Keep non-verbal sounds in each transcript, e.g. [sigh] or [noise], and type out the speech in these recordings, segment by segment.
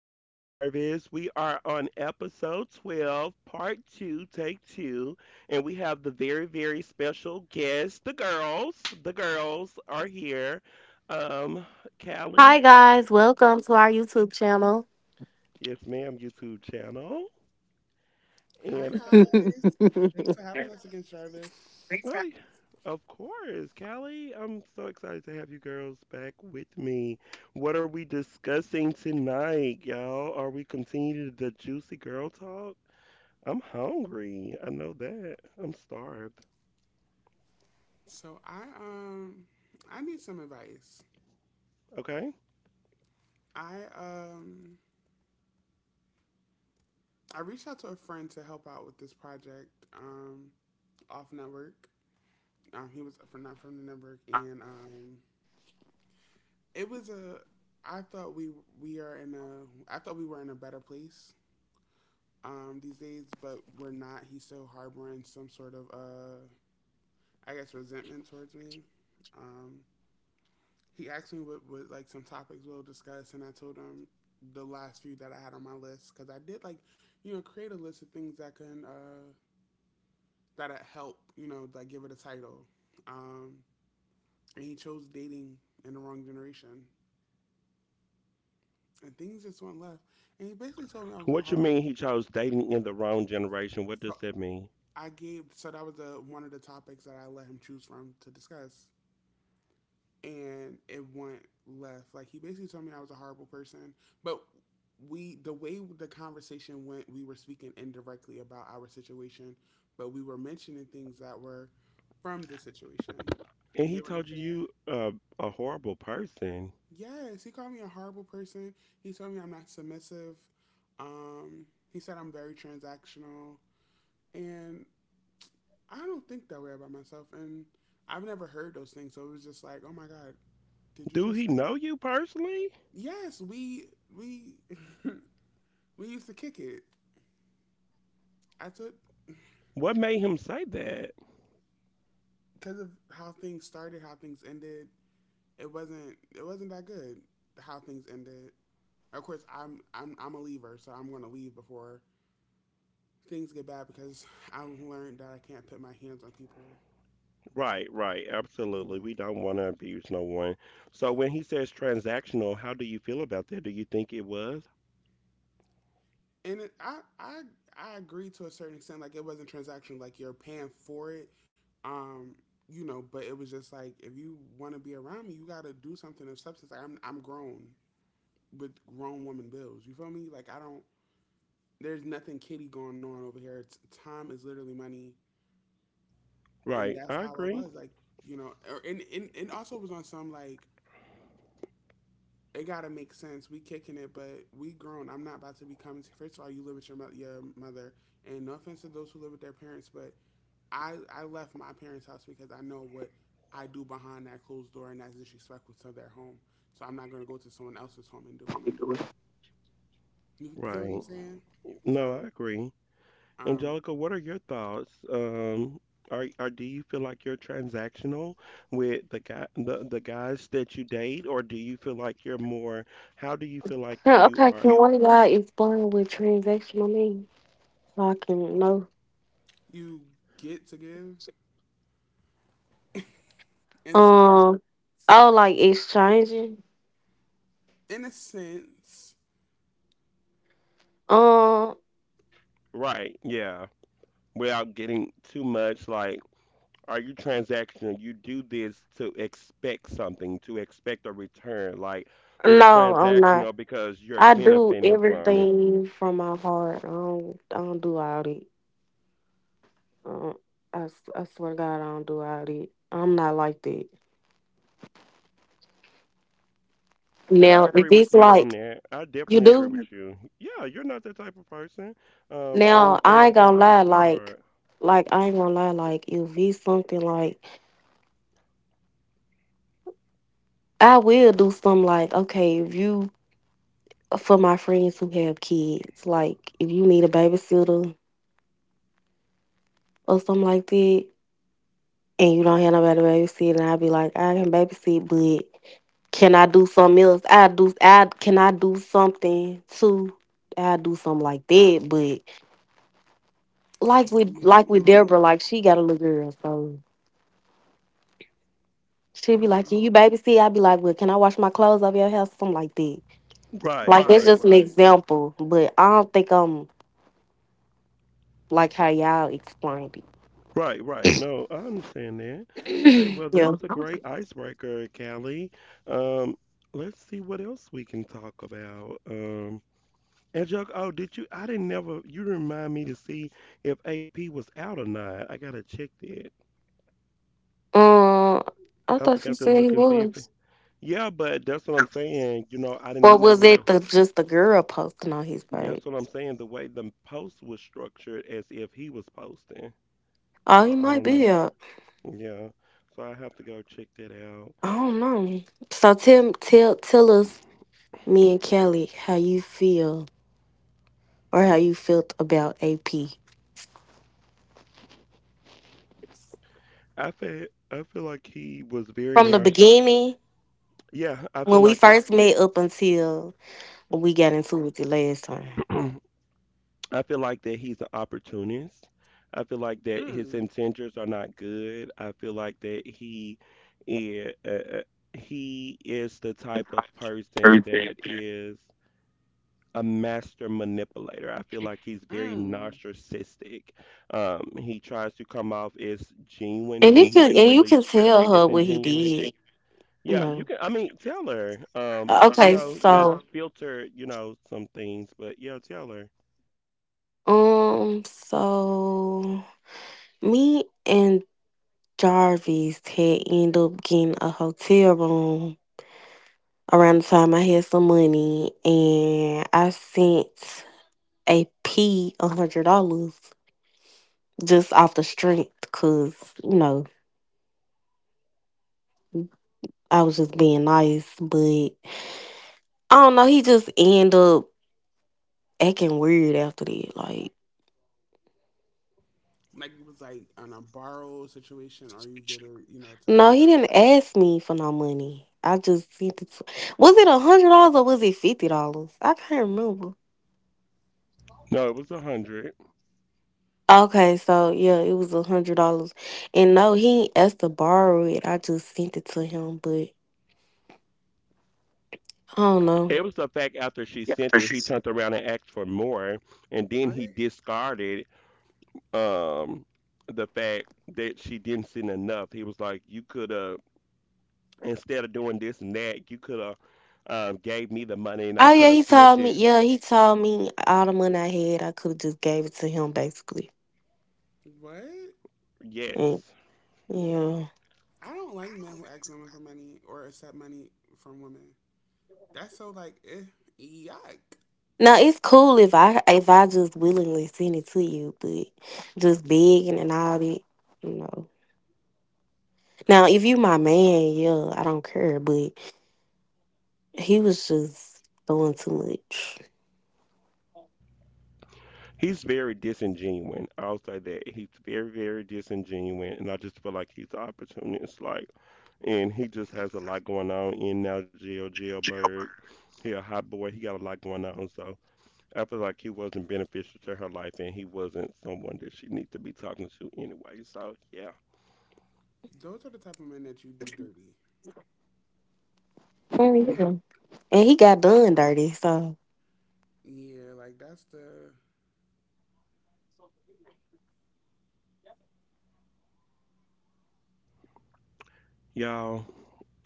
with Jarvis. We are on episode 12, part two, take two. And we have the very, very special guest, the girls. The girls are here. Um, Hi Callie, guys, welcome to our YouTube channel. yes, ma'am, YouTube channel. Hi And, guys. Thanks for having us again, Jarvis. oh, of course, Callie, I'm so excited to have you girls back with me. What are we discussing tonight, y'all? Are we continuing the juicy girl talk? I'm hungry. I know that. I'm starved. So I need some advice. Okay. I I reached out to a friend to help out with this project um off network. He was from not from the network and it was a I thought we are in a I thought we were in a better place these days, but we're not. He's still harboring some sort of I guess resentment towards me. Um he asked me what like some topics we'll discuss, and I told him the last few that I had on my list because I did like create a list of things that can that help like give it a title. Um, and he chose dating in the wrong generation, and things just went left. And he basically told me I was a What you horrible. mean he chose dating in the wrong generation? What So does that mean? I gave so that was the one of the topics that I let him choose from to discuss, and it went left. Like he basically told me I was a horrible person, but we the way the conversation went, we were speaking indirectly about our situation, but we were mentioning things that were from the situation. And You he get what I'm told you saying? A horrible person. Yes, he called me a horrible person. He told me I'm not submissive. Um, he said I'm very transactional, and I don't think that way about myself. And I've never heard those things, so it was just like, oh my god, did you Do just he like know you personally? Yes, we we used to kick it. I took What made him say that? because of how things started, how things ended. It wasn't that good how things ended. Of course, I'm a leaver, so I'm going to leave before things get bad because I've learned that I can't put my hands on people. Right, right, You absolutely. know, We don't want to abuse no one. So when he says transactional, how do you feel about that? Do you think it was? and it, I agree to a certain extent. Like it wasn't transactional. Like you're paying for it. Um, you know, but it was just like if you want to be around me, you got to do something of substance. Like I'm grown, with grown woman bills. You feel me? Like I don't. There's nothing kitty going on over here. It's time is literally money, and Right, that's I how I agree. was. Like you know, or, and also was on some like it gotta make sense. We kicking it, but we grown. I'm not about to be coming. To, first of all, you live with your mother, and no offense to those who live with their parents, but I left my parents' house because I know what I do behind that closed door, and that's disrespectful to their home. So I'm not gonna go to someone else's home and do it. You get what I'm Right. saying? No, I So agree. um, Angelica, what are your thoughts? Are do you feel like you're transactional with the guys that you date, or do you feel like you're more? How do you feel like Yeah, you okay, are? can one of y'all explain what transactional means? So I can know. you get to give. And so, Um, oh, like exchanging? in a sense, Um, Right, yeah. Without getting too much, like, are you transactional? You do this to expect something, to expect a return. Like, we're no, I'm not. transactional because you're I do benefiting from it. everything from my heart. I don't do all that. Uh, I swear to God, I don't do all that. I'm not like that. And I Now, if agree with it's you on like that. I you definitely agree do, with you. Yeah, you're not that type of person, or now anything I like ain't that. gonna You're a lie, like, sweetheart. like I ain't gonna lie, like if it's something like I will do some like okay, if you for my friends who have kids, like if you need a babysitter or something like that, and you don't have nobody to babysit, and I'll be like, I can babysit, but can I do something else? I do. I do something too. I do something like that, but like with no, like no, with no. Deborah, like she got a little girl, so she'd be like, "Can Um, you babysit?" I'd be like, "Well, can I wash my clothes over your house?" Something like that. Right, Like that's right, just an example, but I don't think I'm like how y'all explained right, right. No, I understand that. Okay, it. well, [clears throat] that Yeah. was a great icebreaker, Callie. Um, let's see what else we can talk about. And Joke, oh, did you? I didn't never. You remind me to see if AP was out or not. I gotta check that. Uh, I I thought forgot you to said he look and see if. It, was. yeah, but that's what I'm saying. You know, I Or didn't was never. it the just the girl posting on his page? That's what I'm saying. The way the post was structured, as if he was posting. Oh, he So I might don't be know. up. Yeah. So I have to go check that out. I don't know. So tell us, me and Kelly, how you feel or how you felt about AP I feel like he was very from the narcissistic. beginning, Yeah, I feel when we like he. first met, up until when we got into it the last time. [clears throat] I feel like that he's an opportunist. I feel like that his mm, intentions are not good. I feel like that is. Uh, uh, he is the type of person that is a master manipulator. I feel like he's very mm. narcissistic. He tries to come off as genuine And when you can he's and you really can tell her what he disingenuine. did. You Yeah, you know. can. I mean, tell her. You Okay, know, so just filter. You know, some things, but yeah, tell her. Um, so me and Jarvis had ended up getting a hotel room around the time I had some money, and I sent a P $100 just off the strength, cause you know I was just being nice, but I don't know. He just ended up acting weird after that. Like, Like it was like on a borrow situation, or you did it, you know, no, to he didn't ask me for no money. I just sent it to. Was it $100 or was it $50? I can't remember. No, it was a hundred. Okay, so yeah, it was $100, and no, he ain't asked to borrow it. I just sent it to him, but I don't know. It was the fact after she sent it, he turned around and asked for more, and then what? he discarded um the fact that she didn't send enough. He was like, "You could instead of doing this and that, you could have gave me the money and I Oh could yeah, have he flipped told me. it." Yeah, he told all the money I had, I could have just gave it to him basically. What? And Yes, yeah, I don't like men who ask women for money or accept money from women. That's so like, eh, yuck. now it's cool if I just willingly send it to you, but just begging and all that, you know. Now if you my man, yeah, I don't care, but he was just doing too much. he's very disingenuous. I'll say that he's very, very disingenuous, and I just feel like he's an opportunist. Like, and he just has a lot going on in now jail, jailbird. He a hot boy. He got a lot going on, so I feel like he wasn't beneficial to her life, and he wasn't someone that she needs to be talking to anyway. So yeah, Those are the type of men that you do dirty. Oh, yeah. And he got done dirty, so. Yeah, like that's the. y'all,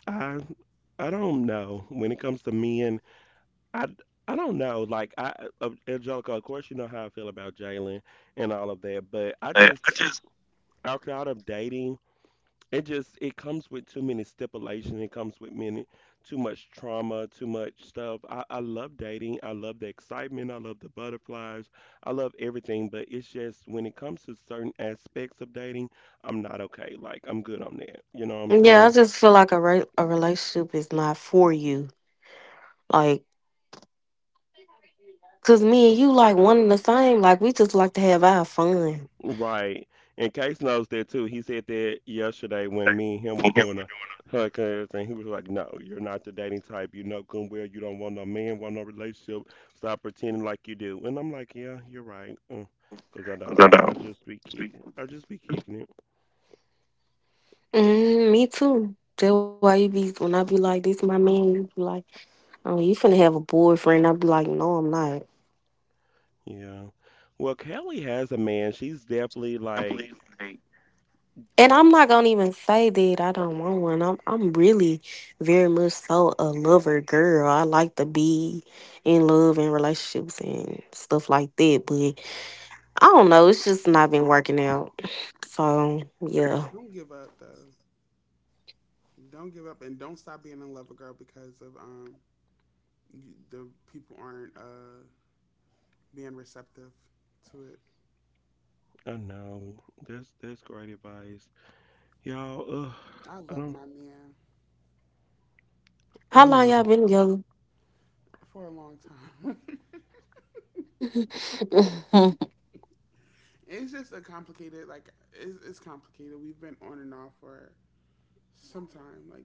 I I don't know. When it comes to men, I I don't know. Angelica, of course you know how I feel about Jalen and all of that, but I just after out of dating, it just it comes with too many stipulations. It comes with many too much trauma, too much stuff. I love dating. I love the excitement. I love the butterflies. I love everything, but it's just when it comes to certain aspects of dating, I'm not okay. Like I'm good on that. You know what I'm Yeah, I saying? just feel like a relationship is not for you. Like, cause me and you like one and the same. Like, we just like to have our fun. Right. And Case knows that too. He said that yesterday when me and him were doing a podcast, and he was like, "No, you're not the dating type. You know good and well you don't want no man, want no relationship. Stop pretending like you do." And I'm like, "Yeah, you're right." Because I don't. I just be kicking it. Mm, me too. That's why you be when I be like, "This my man," you be like, "Oh, you finna have a boyfriend?" I be like, "No, I'm not." Yeah. Well, Kelly has a man. She's definitely like, And I'm not gonna even say that I don't want one. I'm really very much so a lover girl. I like to be in love and relationships and stuff like that. But I don't know. It's just not been working out. So yeah. Don't give up though. Don't give up and don't stop being in love with girl because of the people aren't being receptive to it. I know. That's great advice. Y'all, ugh, I I love don't. my man How I long love. y'all been together? for a long time. [laughs] It's just a complicated, like, it's complicated. We've been on and off for some time, like,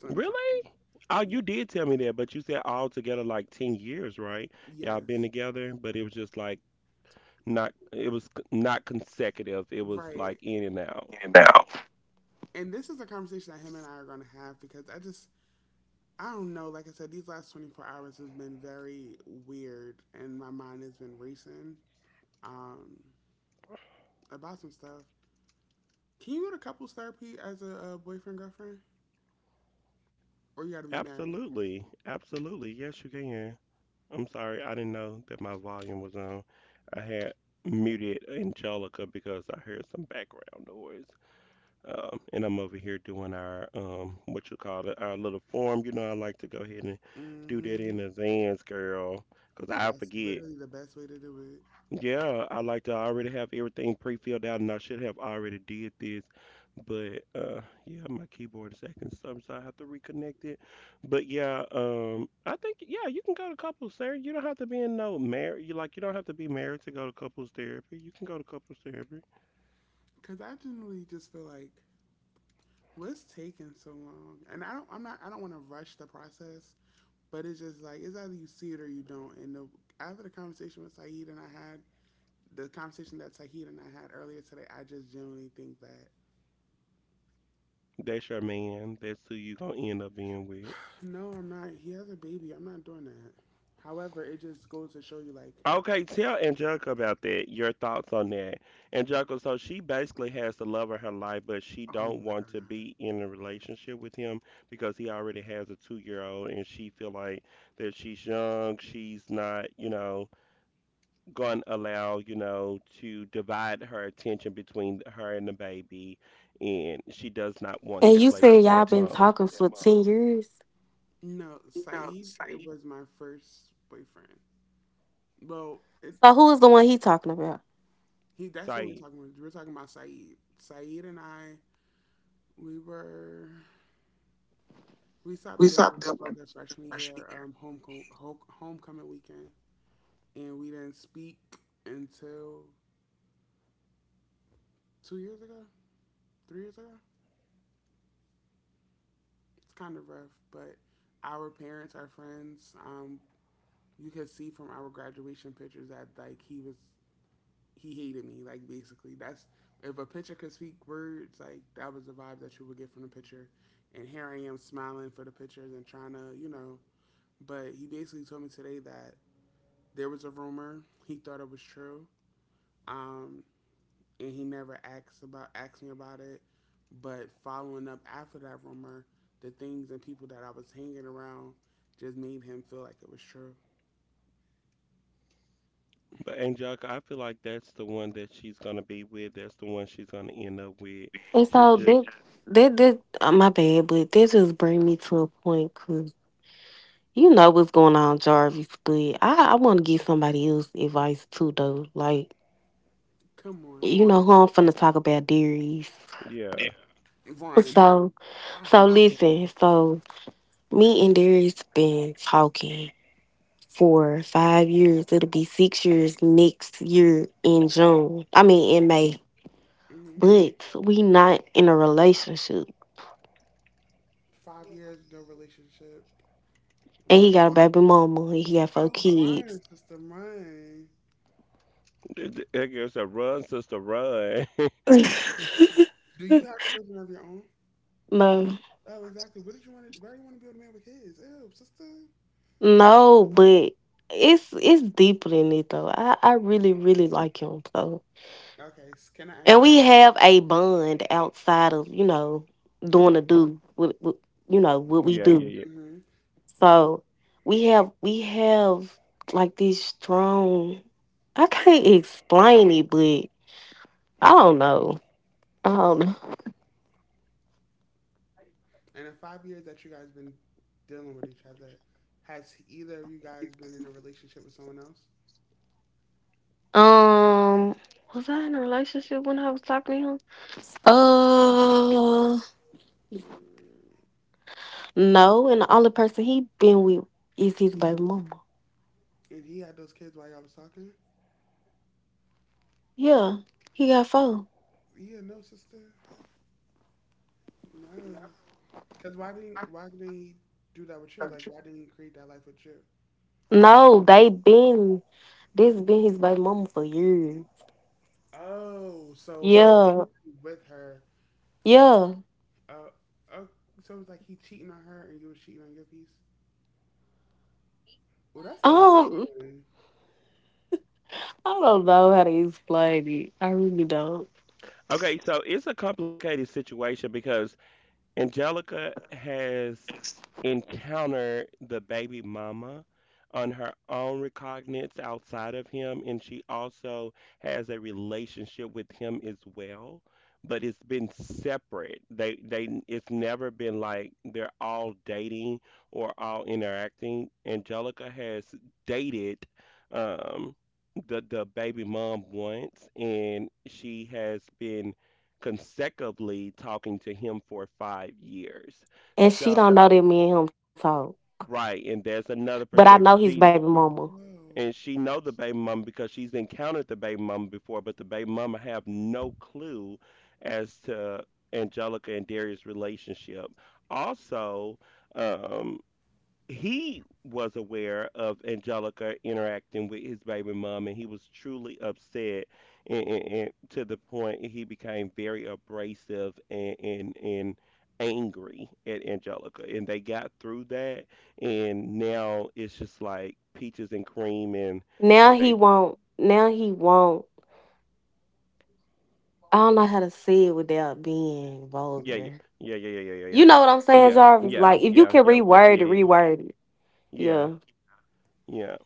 some time. Really? Oh, you Yeah. did tell me that, but you said all together like 10 years, right? Y'all been Yes. together, but it was just like not, it was c- not consecutive. It was like Right. in and out. And this is a conversation that him and I are going to have because I just, I don't know. Like I said, these last 24 hours have been very weird and my mind has been racing um, about some stuff. Can you go to couples therapy as a, boyfriend girlfriend, or you got to be married? Absolutely. Absolutely. Yes, you can. I'm sorry. I didn't know that my volume was on. I had muted Angelica because I heard some background noise. And I'm over here doing our, what you call it, our little form. You know, I like to go ahead and do that in Hmm. advance, girl, because I That's forget. literally the best way to do it. Yeah, I like to already have everything pre-filled out, and I should have already did this, but yeah, my keyboard is acting some, so I have to reconnect it. But yeah, I think yeah, you can go to couples therapy. You don't have to be in no marriage. You like you don't have to be married to go to couples therapy. You can go to couples therapy. Cause I generally just feel like what's taking so long, and I don't. I'm not. I don't want to rush the process, but it's just like it's either you see it or you don't. After the conversation with Saeed and I had the conversation that Saeed and I had earlier today, I just generally think that That's your man. That's who you gonna end up being with. [sighs] no, I'm not. He has a baby. I'm not doing that. However, it just goes to show you like, Okay, tell Angelica about that. Your thoughts on that, Angelica. So she basically has the love of her life, but she oh don't my want to god. be in a relationship with him because he already has a two-year-old, and she feel like that she's young. She's not, you know, gonna allow, you know, to divide her attention between her and the baby, and she does not [laughs] want And to you play said y'all been stepmom. talking for 10 years. No, Saeed, it was my first boyfriend. Well, it So who is the one he talking about? He that's who we're Say, talking about. We're talking about Saeed. Saeed and I, we were we stopped dealing with each other freshman year, homecoming weekend, and we didn't speak until 2 years ago, 3 years ago. It's kind of rough, but our parents, our friends, you could see from our graduation pictures that like he hated me. Like basically, that's if a picture could speak words, like that was the vibe that you would get from the picture. And here I am smiling for the pictures and trying to, you know. But he basically told me today that there was a rumor. He thought it was true, um, and he never asked me about it. But following up after that rumor, the things and people that I was hanging around just made him feel like it was true. but Angelica, I feel like that's the one that she's gonna be with. That's the one she's gonna end up with. And She so just that that that my bad, but that just bring me to a point because you know what's going on, Jarvis. But I want to give somebody else advice too, though. Like Come on, you know who I'm finna talk about, Darius. yeah, Vaughn. So I so hate you. listen. So me and Darius been talking for 5 years. It'll be 6 years next year in June. I mean in May. Hmm. But we not in a relationship. 5 years, no relationship. And Why? he got a baby mama, and he got four Oh, kids. mine, sister, mine. I guess a run, sister, run. [laughs] Ooh. Do you have children of your own? No. Oh, exactly. What did you want to? Why do you want to be with a man with kids? Ew, sister. No, but it's deeper than it though. I really, really like him. So, Okay, s- can I and ask? we have a bond outside of, doing a do with what we [laughs] Yeah, yeah, do. You? yeah. Mm-hmm. You, So we have like these strong, I can't explain it, but I don't know. I don't know. and in 5 years that you guys been dealing with each other, has either of you guys been in a relationship with someone else? Um was I in a relationship when I was talking to him? Uh no, and the only person he been with is his baby mama. And he had those kids while y'all was talking? Yeah. He got four. Yeah, no, sister, no. Cause why didn't he do that with you? Like, why didn't he create that life with you? No, they been this been his baby mama for years. Oh, so he Yeah. with her. Yeah. Oh. Uh, uh, so it's like he cheating on her and you were cheating on your piece? Well, that sounds Um fun. I don't know how to explain it. I really don't. Okay, so it's a complicated situation because Angelica has encountered the baby mama on her own recognizance outside of him, and she also has a relationship with him as well. But it's been separate. They it's never been like they're all dating or all interacting. Angelica has dated um the baby mom once, and she has been consecutively talking to him for 5 years. And she So don't know that me and him talk. right, and there's another But I know perspective. his baby She mama. Whoa. and she know the baby mama because she's encountered the baby mama before, but the baby mama have no clue as to Angelica and Darius' relationship. Also, um, he was aware of Angelica interacting with his baby mom, and he was truly upset, and to the point he became very abrasive and angry at Angelica. And they got through that, and now it's just like peaches and cream, and Now they mhm, he won't. Now he won't. I don't know how to say it without being yeah, yeah, vulgar. yeah, yeah, yeah, yeah, yeah, You yeah, know what I'm saying, yeah, Jarvis? yeah, Like if you yeah, can yeah, we'll reword get it, it, reword it. yeah. Yeah. Yeah.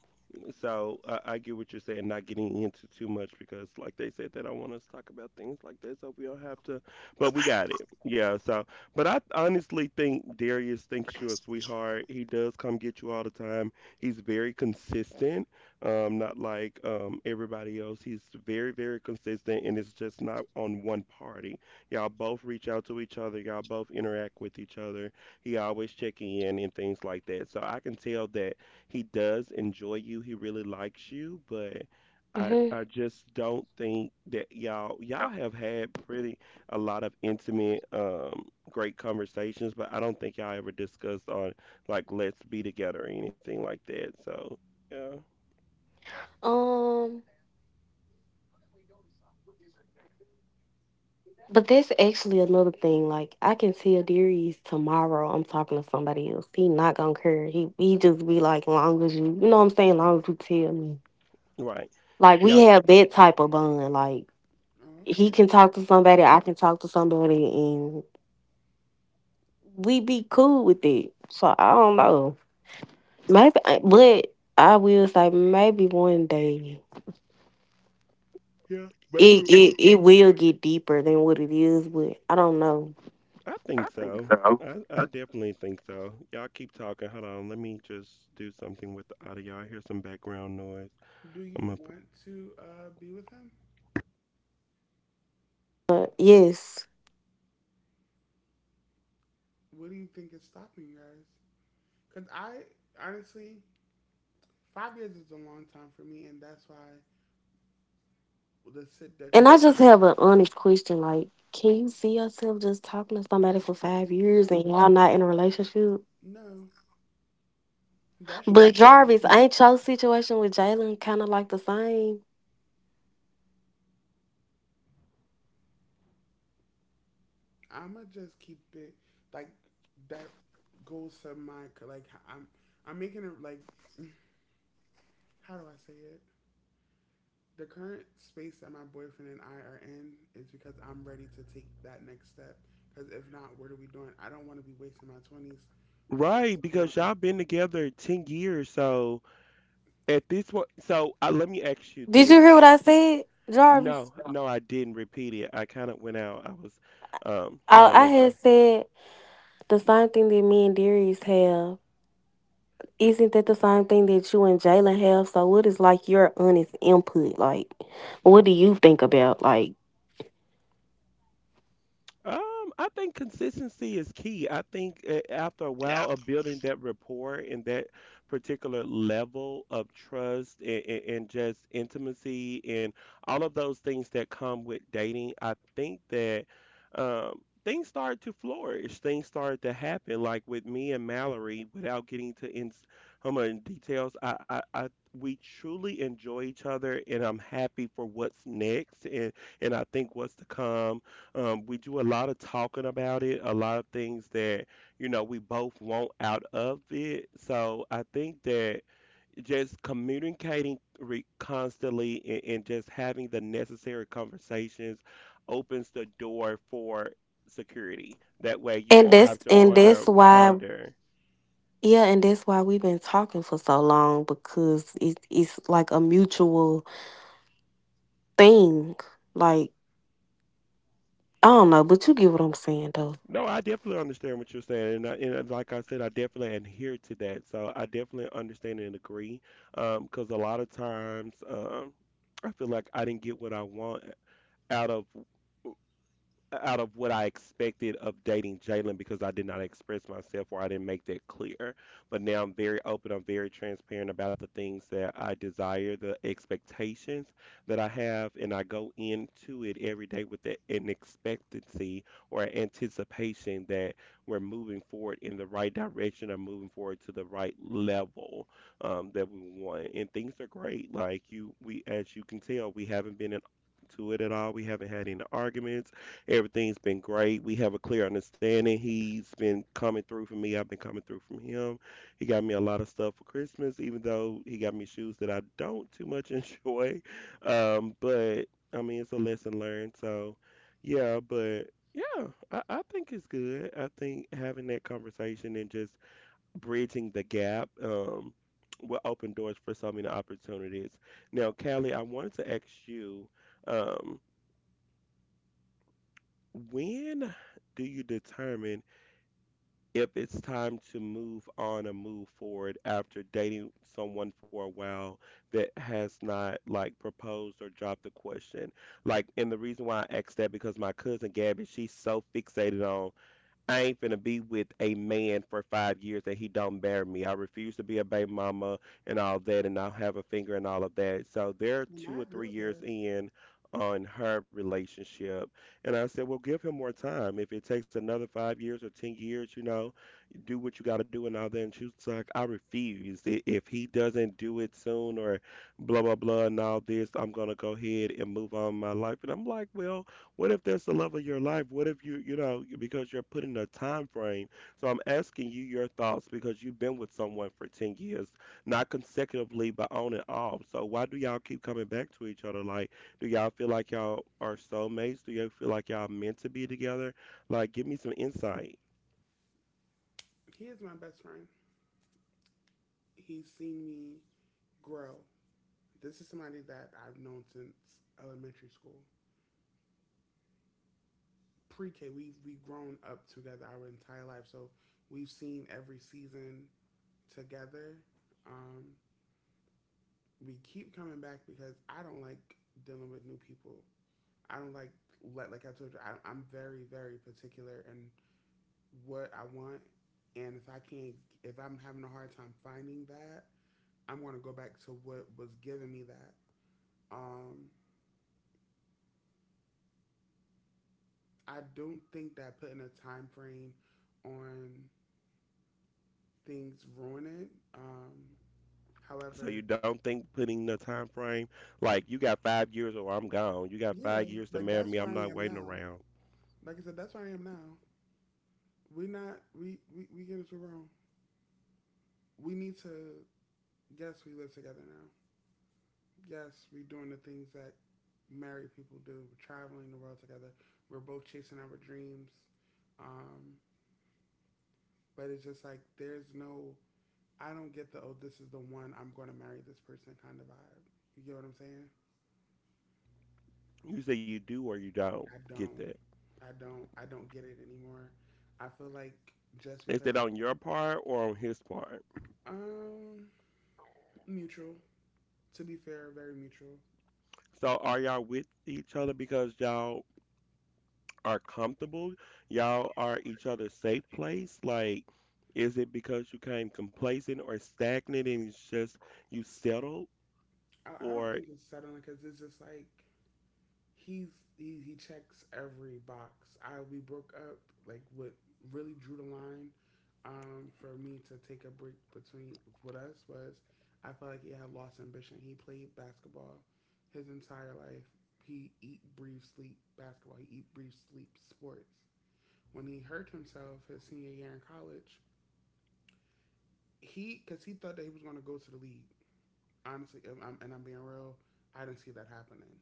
So I get what you're saying, not getting into too much because, like they said, they don't want us to talk about things like that, so we don't have to. But we got it, yeah. So, but I honestly think Darius thinks you're a sweetheart. He does come get you all the time. He's very consistent, not like everybody else. He's very, very consistent, and it's just not on one party. Y'all both reach out to each other. Y'all both interact with each other. He always check in and things like that. So I can tell that he does enjoy you. He really likes you, but I hmm I just don't think that y'all have had pretty a lot of intimate great conversations, but I don't think y'all ever discussed on like let's be together or anything like that. So, yeah. Um, but that's actually another thing. Like I can tell Darius tomorrow I'm talking to somebody else. He not gonna care. He just be like, long as you, you know what I'm saying, long as you tell me. Right. Like we Y'all have that type of bond. Like Oh, he okay. can talk to somebody, I can talk to somebody, and we be cool with it. So I don't know. Maybe, but I will say maybe one day c- yeah, maybe it it, it will get deeper than what it is. But I don't know. I think so. I definitely think so. Y'all keep talking. Hold on. Let me just do something with the audio. I hear some background noise. Do I'm you gonna want to be with him? But yes. What do you think is stopping you guys? Because I, honestly, 5 years is a long time for me, and that's why the sit the And I just have an honest question. Like, can you see yourself just talking to somebody for five no, years and y'all not in a relationship? no, that's your But thing. Jarvis, ain't your situation with Jalen kind of like the same? I'ma just keep it like that goes to my like I'm I'm making it like [laughs] how do I say it. The current space that my boyfriend and I are in is because I'm ready to take that next step. Because if not, what are we doing? I don't want to be wasting my 20s on Right, because someone. y'all been together 10 years. So at this point, so let me ask you Did you this. hear what I said, No, Jarvis? no, I didn't repeat it. I kind of went out. I was I, trying to I make had sure. said the same thing that me and Darius have. Isn't that the same thing that you and Jalen have? So what is like your honest input? Like, what do you think about like? Um, I think consistency is key. I think after a while of building that rapport and that particular level of trust and just intimacy and all of those things that come with dating, I think that things start to flourish. Things start to happen. Like with me and Mallory, without getting to in how much details, I we truly enjoy each other, and I'm happy for what's next and I think what's to come we do a lot of talking about it, a lot of things that, you know, we both want out of it. So I think that just constantly and just having the necessary conversations opens the door for security. That way you won't And have that's to and wonder, that's why. ponder. Yeah, and that's why we've been talking for so long because it's like a mutual thing. Like, I don't know, but you get what I'm saying, though. No, I definitely understand what you're saying, and like I said, I definitely adhere to that. So I definitely understand and agree, because a lot of times I feel like I didn't get what I want out of out of what I expected of dating Jalen because I did not express myself or I didn't make that clear. But now I'm very open, I'm very transparent about the things that I desire, the expectations that I have, and I go into it every day with that an expectancy or an anticipation that we're moving forward in the right direction or moving forward to the right level that we want. And things are great. Like you we as you can tell, we haven't been in to it at all. We haven't had any arguments. Everything's been great. We have a clear understanding. He's been coming through for me. I've been coming through from him. He got me a lot of stuff for Christmas, even though he got me shoes that I don't too much [laughs] enjoy. But I mean, it's a lesson learned. So, yeah, but yeah, I think it's good. I think having that conversation and just bridging the gap will open doors for so many opportunities. Now, Callie, I wanted to ask you. Um, when do you determine if it's time to move on or move forward after dating someone for a while that has not like proposed or dropped the question? Like, and the reason why I asked that because my cousin Gabby, she's so fixated on I ain't finna be with a man for 5 years that he don't bear me. I refuse to be a baby mama and all that, and I'll have a finger and all of that. So they're And two I or agree three with years her. in on her relationship, and I said, well, give him more time. If it takes another 5 years or 10 years, you know, do what you got to do and all that. And she was like, I refuse. If he doesn't do it soon or blah, blah, blah, and all this, I'm going to go ahead and move on with my life. And I'm like, well, what if that's the love of your life? What if you, you know, because you're putting a time frame. So I'm asking you your thoughts because you've been with someone for 10 years, not consecutively, but on and off. So why do y'all keep coming back to each other? Like, do y'all feel like y'all are soulmates? Do y'all feel like y'all meant to be together? Like, give me some insight. He is my best friend. He's seen me grow. This is somebody that I've known since elementary school. Pre K, we've grown up together our entire life. So we've seen every season together. Um, we keep coming back because I don't like dealing with new people. I don't like let like I told you. I'm very particular in what I want, and if I can't, if I'm having a hard time finding that, I'm gonna go back to what was giving me that. Um, I don't think that putting a time frame on things ruin it. Um, So however, you don't think putting the time frame like you got 5 years or I'm gone. You got yeah, 5 years to like marry that's me. where I'm I not am waiting now. around. Like I said, that's where I am now. We're not we we get into wrong. We need to. Yes, we live together now. Yes, we're doing the things that married people do. We're traveling the world together. We're both chasing our dreams. Um, but it's just like there's no. I don't get the oh this is the one I'm going to marry this person kind of vibe. You get what I'm saying? You say you do or you don't I get don't. that. I don't get it anymore. I feel like just Is that because on your part or on his part? um mutual. To be fair, very mutual. So are y'all with each other because y'all are comfortable? Y'all are each other's safe place? Like, is it because you came complacent or stagnant and it's just you settled? I don't Or, think it's settling because it's just like he's he checks every box. I We broke up like what really drew the line for me to take a break between with us was I felt like he had lost ambition. He played basketball his entire life. He eat, breathe, sleep basketball. He eat, breathe, sleep sports. When he hurt himself his senior year in college, he because he thought that he was going to go to the league. Honestly, and I'm being real, I didn't see that happening.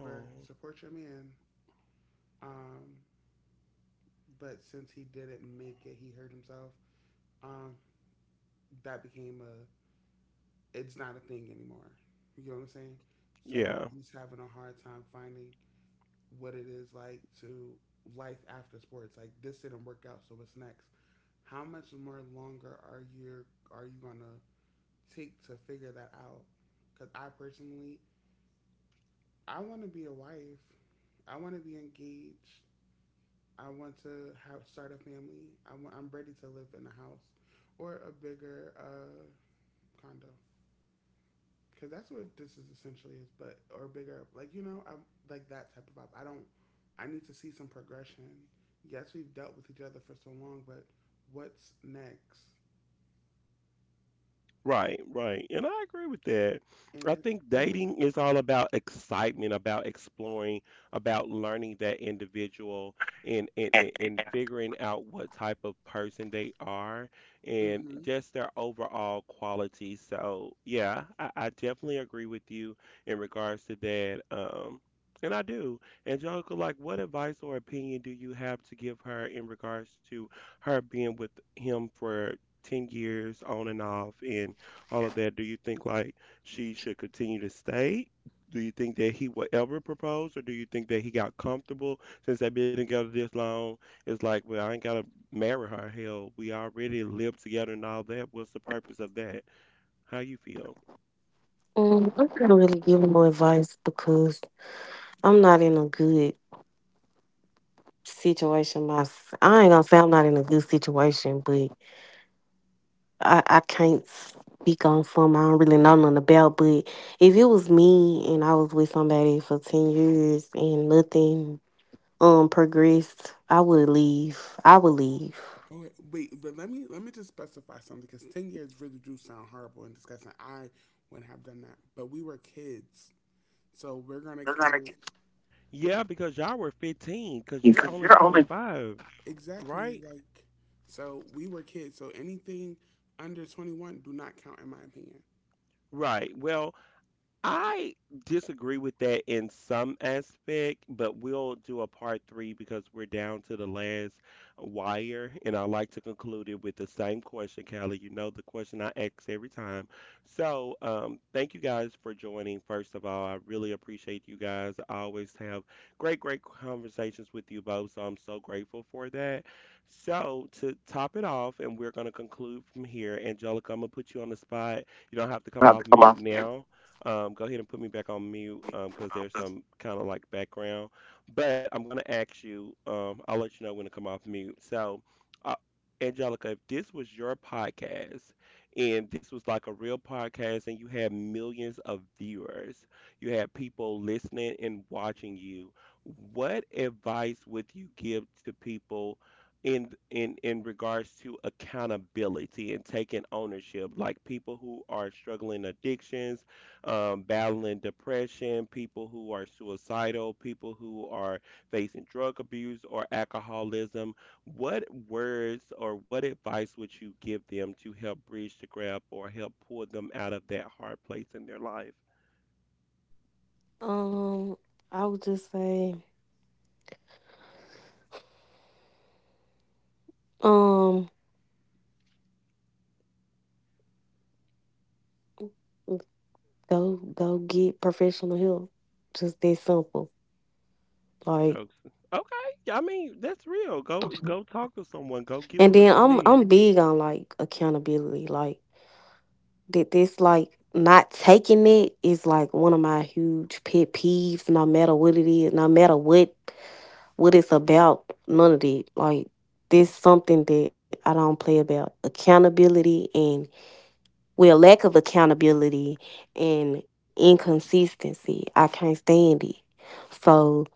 oh, support your man. Um, but since he didn't make it, he hurt himself. Um, that became a it's not a thing anymore. You know what I'm saying? So yeah. he's having a hard time finding what it is like to life after sports. Like this didn't work out, so what's next? How much more longer are you gonna take to figure that out? Because I personally, I want to be a wife. I want to be engaged. I want to have, start a family. I want, I'm ready to live in a house or a bigger condo because that's what this is essentially is, but or bigger. Like you know, I'm like that type of vibe. I don't. I need to see some progression. Yes, we've dealt with each other for so long, but what's next? Right, right. And I agree with that. And I if think you don't, dating is all about excitement, about exploring, about learning that individual and figuring out what type of person they are and hmm just their overall qualities. So yeah, I definitely agree with you in regards to that. Um, and I do. Angelica, like what advice or opinion do you have to give her in regards to her being with him for 10 years on and off and all of that, do you think like she should continue to stay? Do you think that he would ever propose, or do you think that he got comfortable since they've been together this long? It's like, well, I ain't gotta marry her. Hell, we already lived together and all that. What's the purpose of that? How you feel? I can't really give no advice because I'm not in a good situation. Myself, I ain't gonna say I'm not in a good situation, but I can't speak on something I don't really know nothing about. But if it was me and I was with somebody for 10 years and nothing progressed, I would leave. I would leave. oh wait, but let me just specify something because 10 years really do sound horrible and disgusting. I wouldn't have done that, but we were kids, so we're gonna count. Yeah, because y'all were 15, because you're Because only you're only 25, right? Exactly. Like, so we were kids. So anything under 21 do not count, in my opinion. Right. Well, I disagree with that in some aspect, but we'll do a part three because we're down to the last wire. And I like to conclude it with the same question, Callie. You know the question I ask every time. So, thank you guys for joining. First of all, I really appreciate you guys. I always have great, great conversations with you both. So I'm so grateful for that. So to top it off, and we're gonna conclude from here. Angelica, I'm gonna put you on the spot. You don't have to come about to off come mute off the air. now. Go ahead and put me back on mute because there's some kind of like background. But I'm going to ask you, I'll let you know when to come off mute. So, uh, Angelica, if this was your podcast and this was like a real podcast and you had millions of viewers, you had people listening and watching you, what advice would you give to people? In regards to accountability and taking ownership like people who are struggling addictions battling depression, people who are suicidal, people who are facing drug abuse or alcoholism. What words or what advice would you give them to help bridge the gap or help pull them out of that hard place in their life? Um, I would just say. Um. Go go get professional help. Just that simple. Like, Oh, okay, I mean that's real. Go go talk to someone. Go and get then what you I'm need. I'm big on like accountability. Like that this like not taking it is like one of my huge pet peeves, no matter what it is, no matter what it's about, none of it. Like this something that I don't play about. Accountability and, well, lack of accountability and inconsistency. I can't stand it. So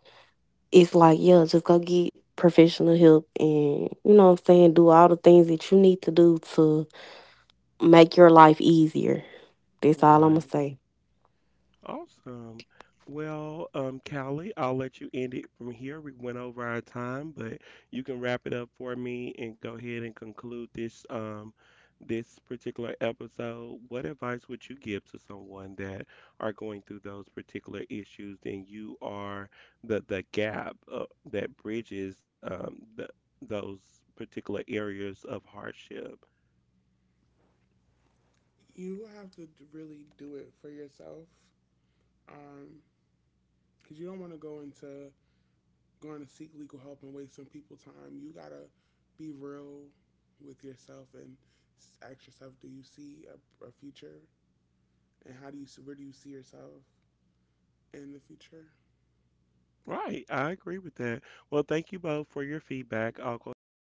it's like, yeah, just go get professional help and, you know what I'm saying, do all the things that you need to do to make your life easier. That's all I'm going to Right. say. Awesome. Well, Callie, I'll let you end it from here. We went over our time, but you can wrap it up for me and go ahead and conclude this this particular episode. What advice would you give to someone that are going through those particular issues? Then you are the gap that bridges the, those particular areas of hardship? You have to d- really do it for yourself um, because you don't want to go into going to seek legal help and waste some people's time. You got to be real with yourself and s- ask yourself do you see a future? And how do you, s- where do you see yourself in the future? Right, I agree with that. Well, thank you both for your feedback. I'll go ahead and